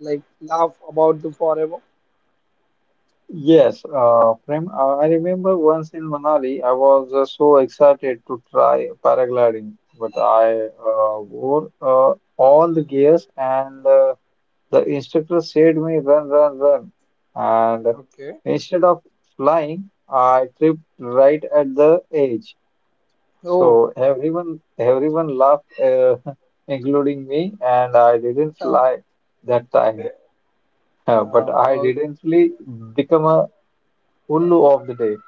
A: like laugh about them forever.
B: Yes, Prem, I remember once in Manali, I was so excited to try paragliding, but I wore all the gears and the instructor said me run, run, run. And
A: Okay.
B: instead of flying, I tripped right at the edge.
A: Oh,
B: So everyone laughed, *laughs* including me, and I didn't
A: *laughs* uh,
B: fly that time. *laughs* but I
A: uh,
B: didn't really become a Ullu of the day.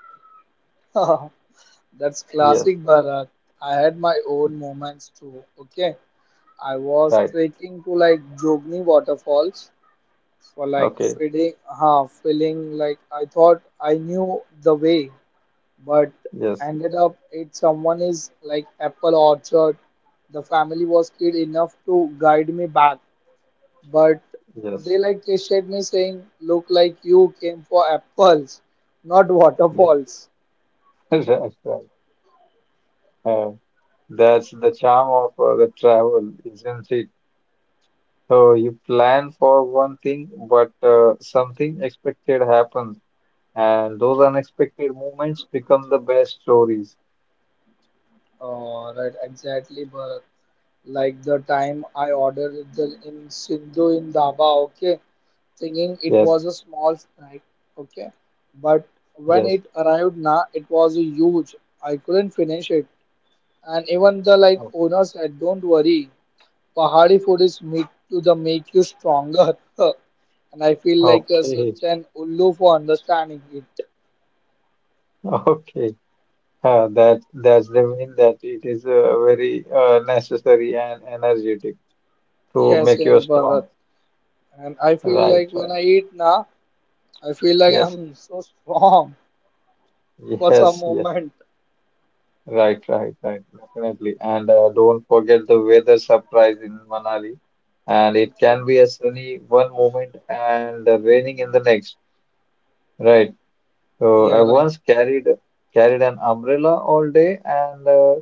A: uh, *laughs* that's
B: Yes,
A: classic Bharat. I had my own moments too. Okay, I was
B: right.
A: trekking to like Jogni waterfalls for like
B: Okay.
A: feeling like I thought I knew the way, but
B: Yes,
A: ended up it someone is like apple orchard. The family was kid enough to guide me back, but
B: yes.
A: they like tested me saying, "Look like you came for apples, not
B: Yes. *laughs*
A: waterfalls."
B: Right, right. Uh, that's the charm of the travel, isn't it? So you plan for one thing, but something expected happens, and those unexpected moments become the best stories.
A: Oh, right, exactly, but like the time I ordered the in Sindhu in Dhaba, okay, thinking it
B: Yes,
A: was a small snack, okay? But when
B: yes.
A: it arrived now, it was a huge. I couldn't finish it. And even the like
B: O-
A: owner said, don't worry, Pahadi food is meat to the make you stronger. *laughs* And I feel like
B: Okay,
A: such an ullu for understanding it. *laughs*
B: *laughs* okay. That that's the mean that it is very necessary and energetic to
A: Yes,
B: make
A: yes,
B: you
A: Bharat.
B: strong.
A: And I feel
B: Right,
A: like when
B: right.
A: I eat now, I feel like
B: Yes.
A: I'm *laughs* so strong
B: *laughs*
A: for some
B: Yes, yes.
A: moment.
B: Right, right, right, definitely. And don't forget the weather surprise in Manali. And it can
A: Okay.
B: be a sunny one moment and raining in the next. Right. So I
A: Yeah, right.
B: once carried an umbrella all day and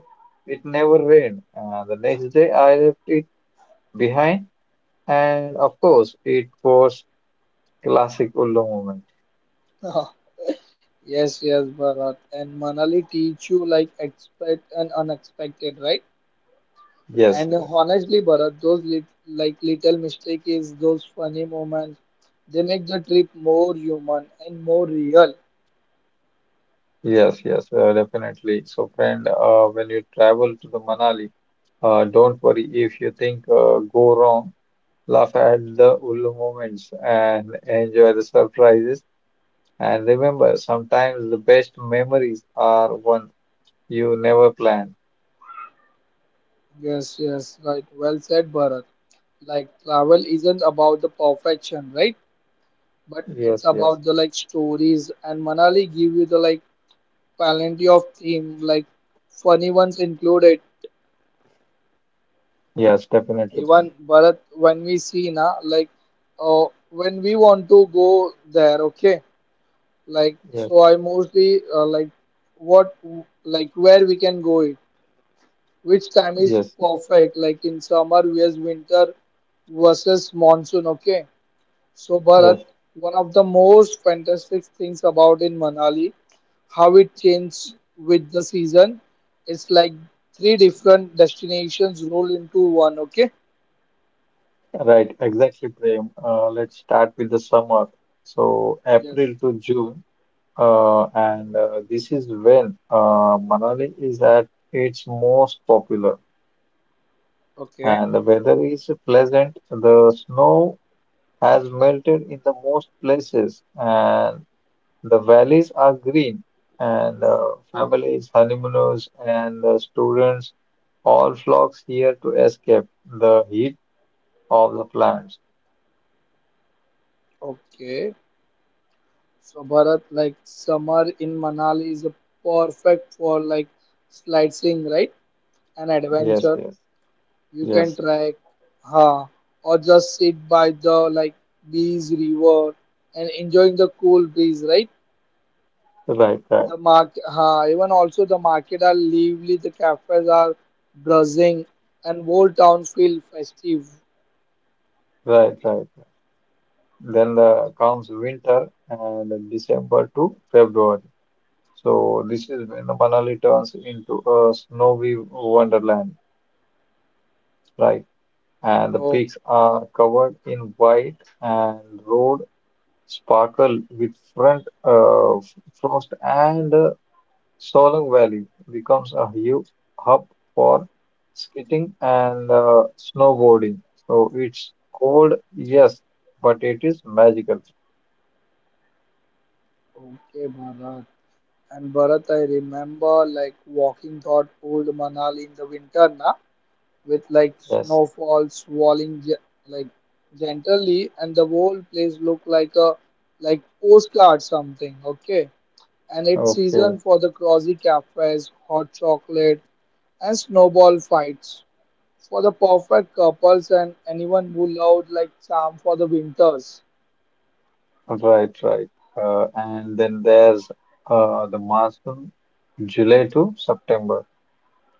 B: it never rained. The next day I left it behind and of course it was classic Ullu moment.
A: *laughs* Yes, yes, Bharat. And Manali teach you like expect and unexpected, right?
B: Yes,
A: And
B: yes,
A: honestly, Bharat, those lit like little mistake is those funny moments. They make the trip more human and more real.
B: yes, yes, definitely. So friend, when you travel to the Manali. Don't worry if you think go wrong. Laugh at the cool moments and enjoy the surprises. And remember, sometimes the best memories are ones you never plan.
A: Yes, yes, right. Well said, Bharat. Like travel isn't about the perfection, right? But it's
B: Yes, yes,
A: about the like stories. And Manali give you the like plenty of theme, like funny ones included.
B: yes, definitely,
A: Even
B: Prem.
A: Bharat, when we see na, like, when we want to go there, okay, like,
B: Yes,
A: so I mostly like what, like, where we can go it, which time is
B: yes,
A: perfect, like in summer versus winter versus monsoon, okay. So
B: yes.
A: Bharat, one of the most fantastic things about in Manali, how it changes with the season. It's like three different destinations roll into one, okay?
B: Right, exactly, Prem. Let's start with the summer. So
A: Yes.
B: April to June, and this is when Manali is at its most popular.
A: Okay.
B: And the weather is pleasant. The snow has melted in the most places, and the valleys are green, and families, honeymooners, and students all flocks here to escape the heat of the plants.
A: Okay. So Bharat, like summer in Manali is a perfect for like sightseeing, right? An
B: Yes,
A: adventure.
B: yes,
A: You can
B: yes.
A: trek, huh? Or just sit by the like beach, river, and enjoying the cool breeze, right?
B: Right, right,
A: The market, huh? Even also the market are lively. The cafes are buzzing, and whole towns feel festive.
B: right, right. Then the, comes winter and December to February. So this is when the Manali turns into a snowy wonderland, right? And the
A: Oh,
B: peaks are covered in white and road sparkle with frost and Solang Valley becomes a huge hub for skating and snowboarding. So it's cold, yes, but it is magical.
A: okay, Bharat. And Bharat, I remember like walking toward old Manali in the winter na, with like
B: Yes.
A: snowfall swirling like gently, and the whole place looked like a like postcard something. Okay, and it's season
B: Okay.
A: for the cozy cafes, hot chocolate, and snowball fights for the perfect couples and anyone who loved like charm for the winters.
B: Right, right. And then there's the monsoon, July to September.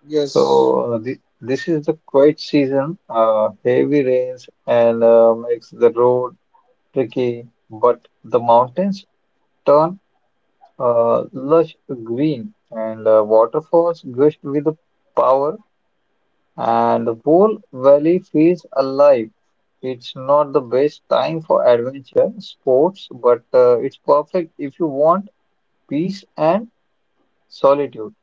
A: Yes.
B: So this is the quiet season. Heavy rains and makes the road tricky, but the mountains turn lush green and waterfalls gush with power and the whole valley feels alive. It's not the best time for adventure sports, but it's perfect if you want peace and solitude.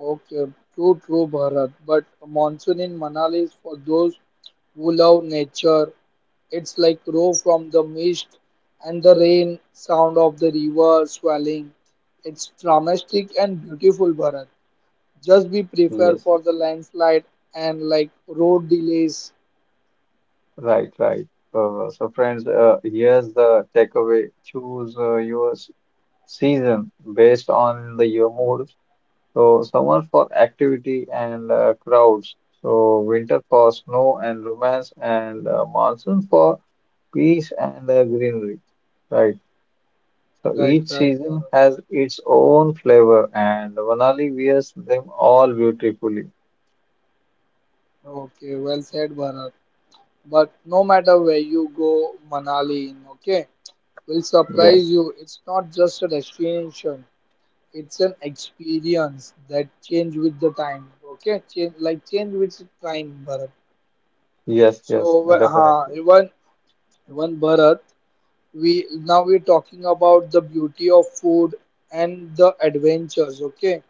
A: Okay, true, true, Bharat. But a monsoon in Manali is for those who love nature. It's like raw from the mist and the rain, sound of the river swelling. It's dramatic and beautiful, Bharat. Just be prepared
B: Yes.
A: for the landslide and like road delays.
B: Right, right. So, friends, here's the takeaway. Choose your season based on the your mood. So, summer for activity and crowds. So, winter for snow and romance, and monsoon for peace and greenery. Right. So,
A: Right,
B: each
A: right, Bharat.
B: season has its own flavor, and Vanali wears them all beautifully.
A: Okay, well said, Bharat. But no matter where you go, Manali, okay, will surprise
B: Yes,
A: you. It's not just a destination. It's an experience that change with the time. Okay, change like change with time, Bharat.
B: yes,
A: So,
B: yes, definitely.
A: even Bharat, we now we're talking about the beauty of food and the adventures. Okay,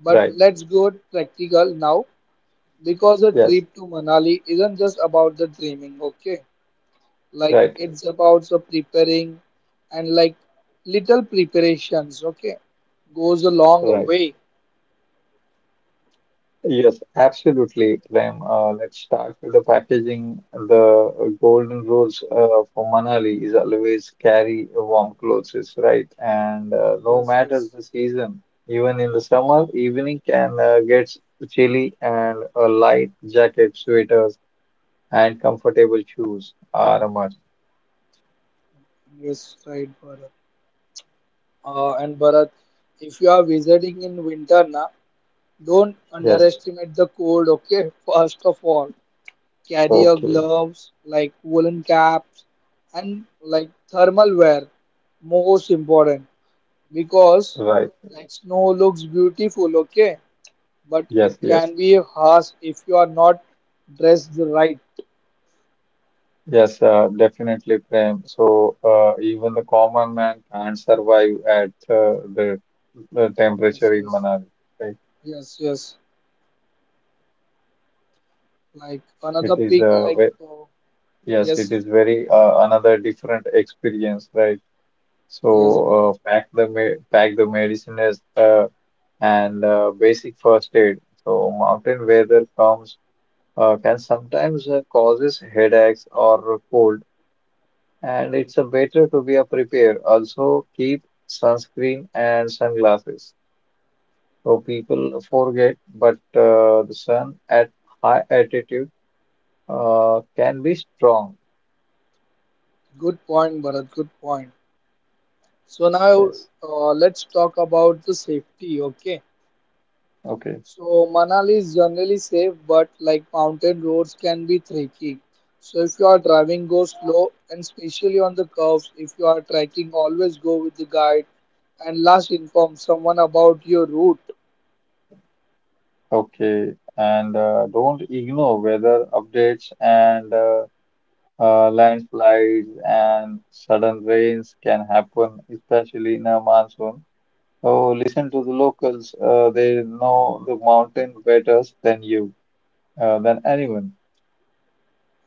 A: but
B: Right.
A: let's go practical now because a
B: Yes,
A: trip to Manali isn't just about the dreaming. Okay, like
B: right,
A: it's about the preparing and like little preparations. Okay, goes a long
B: right, right.
A: way.
B: Yes, absolutely, Prem. Let's start with the packaging. The golden rules for Manali is always carry warm clothes, is right? And no
A: Yes,
B: matter
A: yes.
B: the season, even in the summer, evening can get chilly, and a light jacket, sweaters, and comfortable shoes are a must.
A: Yes, right, Bharat. And Bharat, if you are visiting in winter na, don't
B: Yes.
A: underestimate the cold, okay? First of all, carry your
B: Okay.
A: gloves, like woolen caps, and like thermal wear, most important, because
B: Right.
A: like snow looks beautiful, okay? But it
B: Yes. Yes.
A: can be harsh if you are not dressed right.
B: Yes, definitely, Prem. So even the common man can't survive at the
A: Yes,
B: temperature in
A: yes,
B: Manali, right?
A: yes, yes. Like another
B: It is
A: peak, like,
B: yes, it
A: yes,
B: is very another different experience, right?
A: yes,
B: So
A: Bharat.
B: pack the medicines and basic first aid. So mountain weather comes can sometimes causes headaches or cold. And it's a better to be a prepared. Also keep sunscreen and sunglasses. So people forget, but the sun at high altitude can be strong.
A: Good point, Bharat. Good point. So now
B: Yes.
A: let's talk about the safety. Okay.
B: Okay.
A: So Manali is generally safe, but like mountain roads can be tricky. So if you are driving, go slow, and especially on the curves. If you are trekking, always go with the guide, and last inform someone about your route.
B: Okay. And don't ignore weather updates and landslides and sudden rains can happen, especially in a monsoon. So listen to the locals. They know the mountain better than you. Than anyone.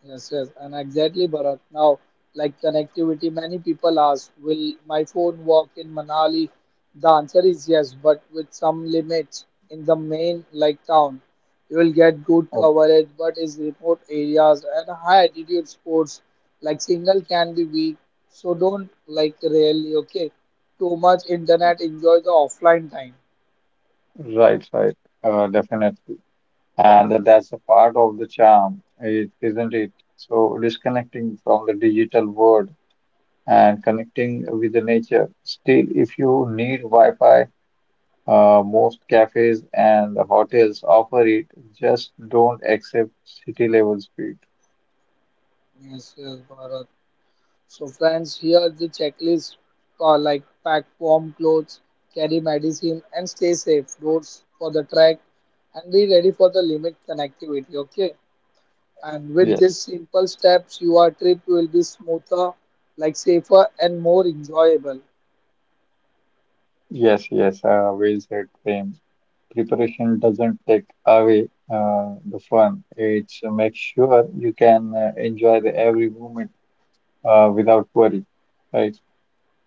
A: Yes, yes, and exactly, Bharat. Now, like connectivity, many people ask, will my phone work in Manali? The answer is yes, but with some limits in the main like town. You will get good
B: Oh,
A: coverage, but in remote areas and high altitude sports like signal can be weak. So don't like really okay. Too much internet, enjoy the offline time.
B: right, right, definitely. And that's a part of the charm, is isn't it? So disconnecting from the digital world and connecting with the nature. Still, if you need Wi-Fi, most cafes and the hotels offer it. Just don't accept city level speed.
A: Yes, yes, Bharat. So friends, here the checklist like pack warm clothes, carry medicine and stay safe. Roads for the track and be ready for the limit connectivity. Okay. And with these
B: Yes.
A: simple steps, your trip will be smoother, like safer and more enjoyable.
B: Yes, yes, well said, Prem. Preparation doesn't take away the fun. It makes sure you can enjoy the every moment without worry, right?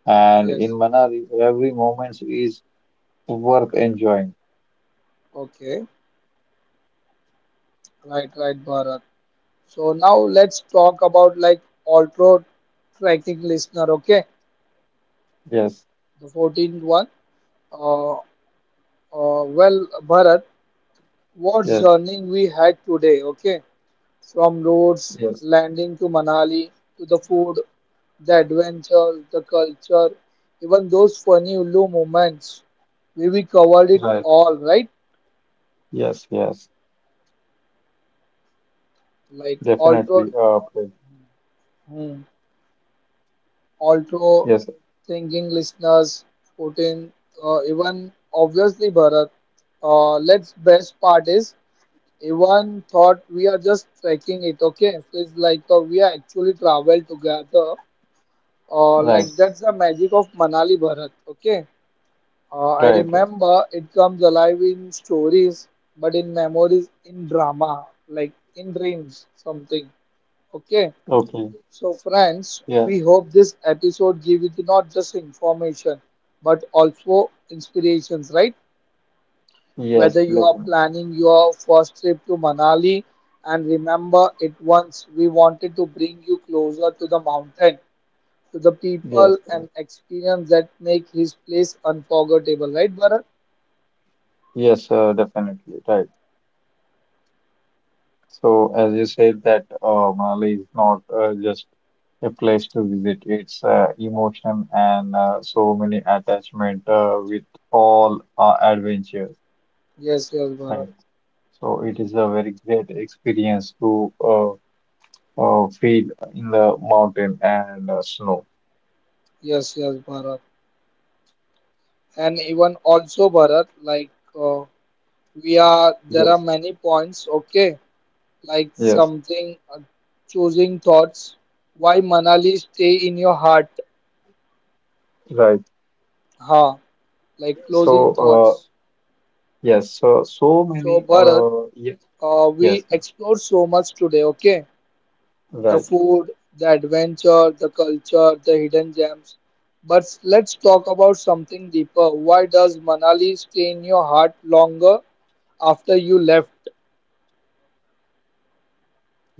B: And in
A: Yes.
B: Manali, every moment is worth enjoying.
A: Okay. Right, right, Bharat. So now let's talk about like ultra tracking listener. Okay.
B: Yes,
A: The 14th one. Uh, well, Bharat, what
B: yes,
A: journey we had today, okay? From roads,
B: yes,
A: landing to Manali, to the food, the adventure, the culture, even those funny Ulu moments. We covered it
B: right.
A: all, right?
B: Yes, yes,
A: Like
B: definitely.
A: Altro,
B: Prem.
A: hmm, Altro
B: Yes,
A: thinking listeners, 14, even obviously Bharat. Let's best part is everyone thought we are just trekking it, okay? Feels like we are actually travel together. Like
B: right,
A: that's the magic of Manali Bharat. Okay, I
B: right, right.
A: remember it comes alive in stories, but in memories, in drama, like in dreams, something. Okay,
B: Okay.
A: so friends,
B: Yes,
A: we hope this episode gives you not just information but also inspirations, right?
B: yes,
A: Whether you are
B: definitely.
A: planning your first trip to Manali and remember it once, we wanted to bring you closer to the mountain to the
B: Yes,
A: people
B: yes,
A: and experience that make his place unforgettable, right, Bharat?
B: yes, definitely. Right. So, as you said, that Manali is not just a place to visit, it's emotion and so many attachment with all our adventures,
A: Yes, yes, Bharat.
B: right? So, it is a very great experience to feel in the mountain and snow.
A: Yes, yes, Bharat. And even also, Bharat, like uh, we are, there are
B: Yes,
A: many points, okay, like
B: yes,
A: something, choosing thoughts, why Manali stay in your heart,
B: right.
A: ha, like
B: So,
A: closing thoughts.
B: yes, so, so
A: So,
B: many,
A: Bharat,
B: yes, yes,
A: we
B: yes,
A: explored so much today, okay? The
B: right.
A: food, the adventure, the culture, the hidden gems. But let's talk about something deeper. Why does Manali stay in your heart longer after you left?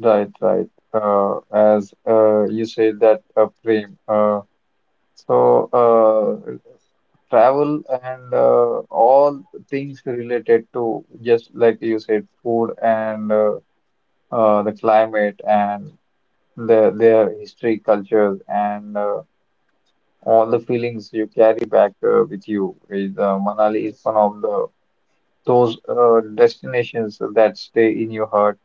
B: Right, right. As you said that, Prem. So, travel and all things related to just like you said, food and the climate and their history, cultures, and all the feelings you carry back with you. Is Manali is
A: Yes,
B: one of the those destinations that stay in your heart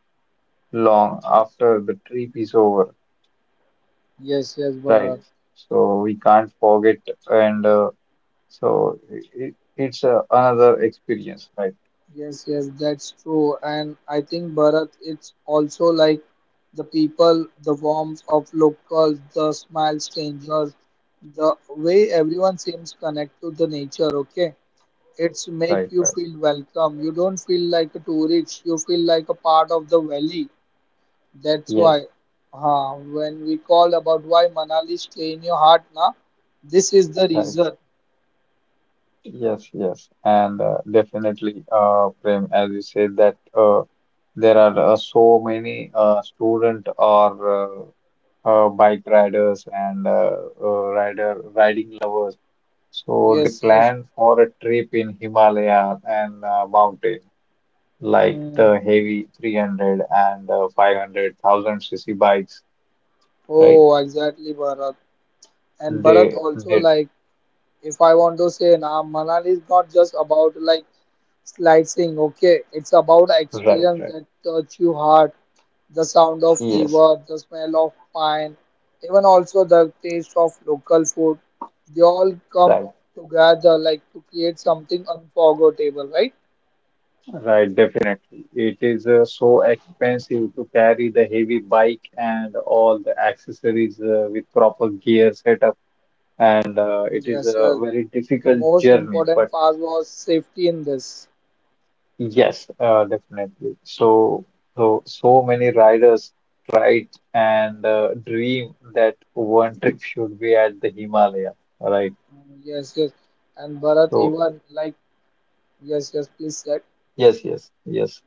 B: long
A: yes,
B: after the trip is over.
A: yes, yes,
B: Right.
A: Bharat.
B: So we can't forget, and so it's another experience, right?
A: Yes, yes, that's true. And I think, Bharat, it's also like the people, the warmth of locals, the smile strangers, the way everyone seems connected to the nature, okay? It's make
B: Right,
A: you
B: right.
A: feel welcome. You don't feel like a tourist. You feel like a part of the valley. That's
B: Yes,
A: why, when we call about why Manali stay in your heart, na, this is the
B: right.
A: reason.
B: Yes, yes. And definitely, Prem, as you said, that there are so many student or bike riders and rider riding lovers. So they
A: Yes, yes.
B: plan for a trip in Himalaya and mountain. Like the
A: Hmm.
B: heavy 300 and 500 thousand cc bikes, right?
A: Oh, exactly, Bharat. And Bharat also
B: They
A: like, if I want to say, na, Manali is not just about like slicing, okay. It's about
B: Right,
A: experience
B: right.
A: that touch you hard. The sound of
B: Yes,
A: river, the smell of pine, even also the taste of local food. They all come
B: right,
A: together like to create something unforgettable, right?
B: right, definitely. It is so expensive to carry the heavy bike and all the accessories with proper gear setup and it is
A: Yes,
B: a
A: yes.
B: very
A: The
B: difficult
A: most
B: journey, but
A: important part was safety in this.
B: yes, definitely. So, so, so many riders tried and dream that one trip should be at the Himalaya, right?
A: Yes, yes. And Bharat
B: So,
A: even like yes, yes, please said.
B: yes, yes, yes,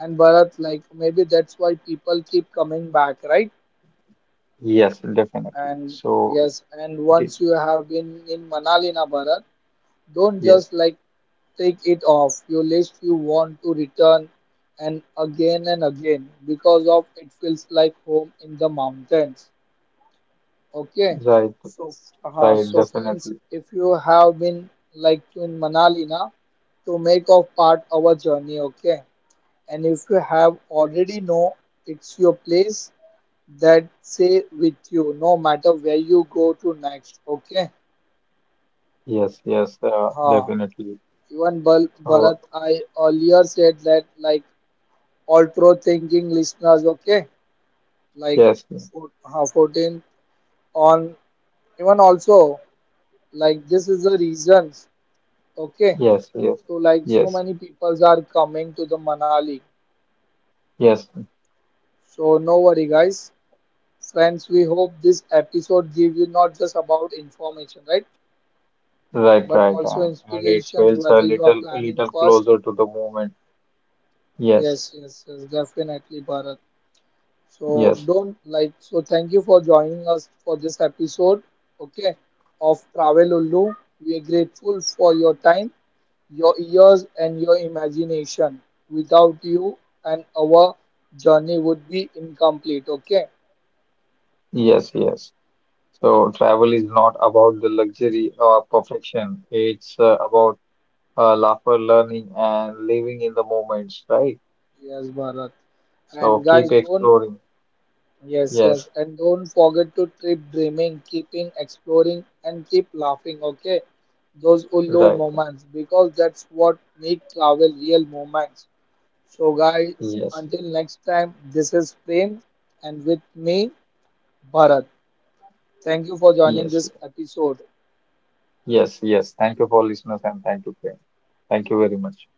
A: And Bharat like maybe that's why people keep coming back, right?
B: yes, definitely.
A: And
B: So,
A: yes, and
B: it is,
A: once you have been in Manali na Bharat, don't
B: yes,
A: just like take it off your list. You want to return and again because of it feels like home in the mountains. Okay,
B: right,
A: so
B: right,
A: so friends,
B: definitely.
A: if you have been like to in Manali na, to make of part our journey. Okay, and if you have already know it's your place, that say with you no matter where you go to next, okay,
B: Yes, yes,
A: huh.
B: definitely.
A: Even Bharat,
B: So,
A: I earlier said that like all pro thinking listeners, okay, like
B: yes, yes,
A: four, huh, 14 on, even also like this is the reasons, okay,
B: yes,
A: so like so
B: yes,
A: many peoples are coming to the Manali.
B: yes,
A: So no worry guys, friends, we hope this episode give you not just about information, right,
B: right,
A: but
B: right.
A: also
B: And it
A: inspirations,
B: feels
A: whether you are
B: a
A: planning
B: little
A: first.
B: closer to the moment.
A: Yes,
B: Yes,
A: yes, yes, definitely, Bharat. So
B: yes.
A: don't like so thank you for joining us for this episode, okay, of travel Ullu. We are grateful for your time, your ears and your imagination. Without you and our journey would be incomplete, okay.
B: Yes, yes. So travel is not about the luxury or perfection. It's about laughter, learning, and living in the moments, right?
A: Yes, Bharat. And
B: So
A: guys,
B: keep
A: don't.
B: exploring.
A: Yes, yes.
B: Yes,
A: And don't forget to keep dreaming, keeping exploring, and keep laughing, okay? Those Ullo
B: right.
A: moments, because that's what make travel real moments. So, guys,
B: Yes,
A: until next time, this is Prem, and with me, Bharat. Thank you for joining
B: yes,
A: this episode.
B: yes, yes. Thank you for listeners and thank you, Prem. Thank you very much.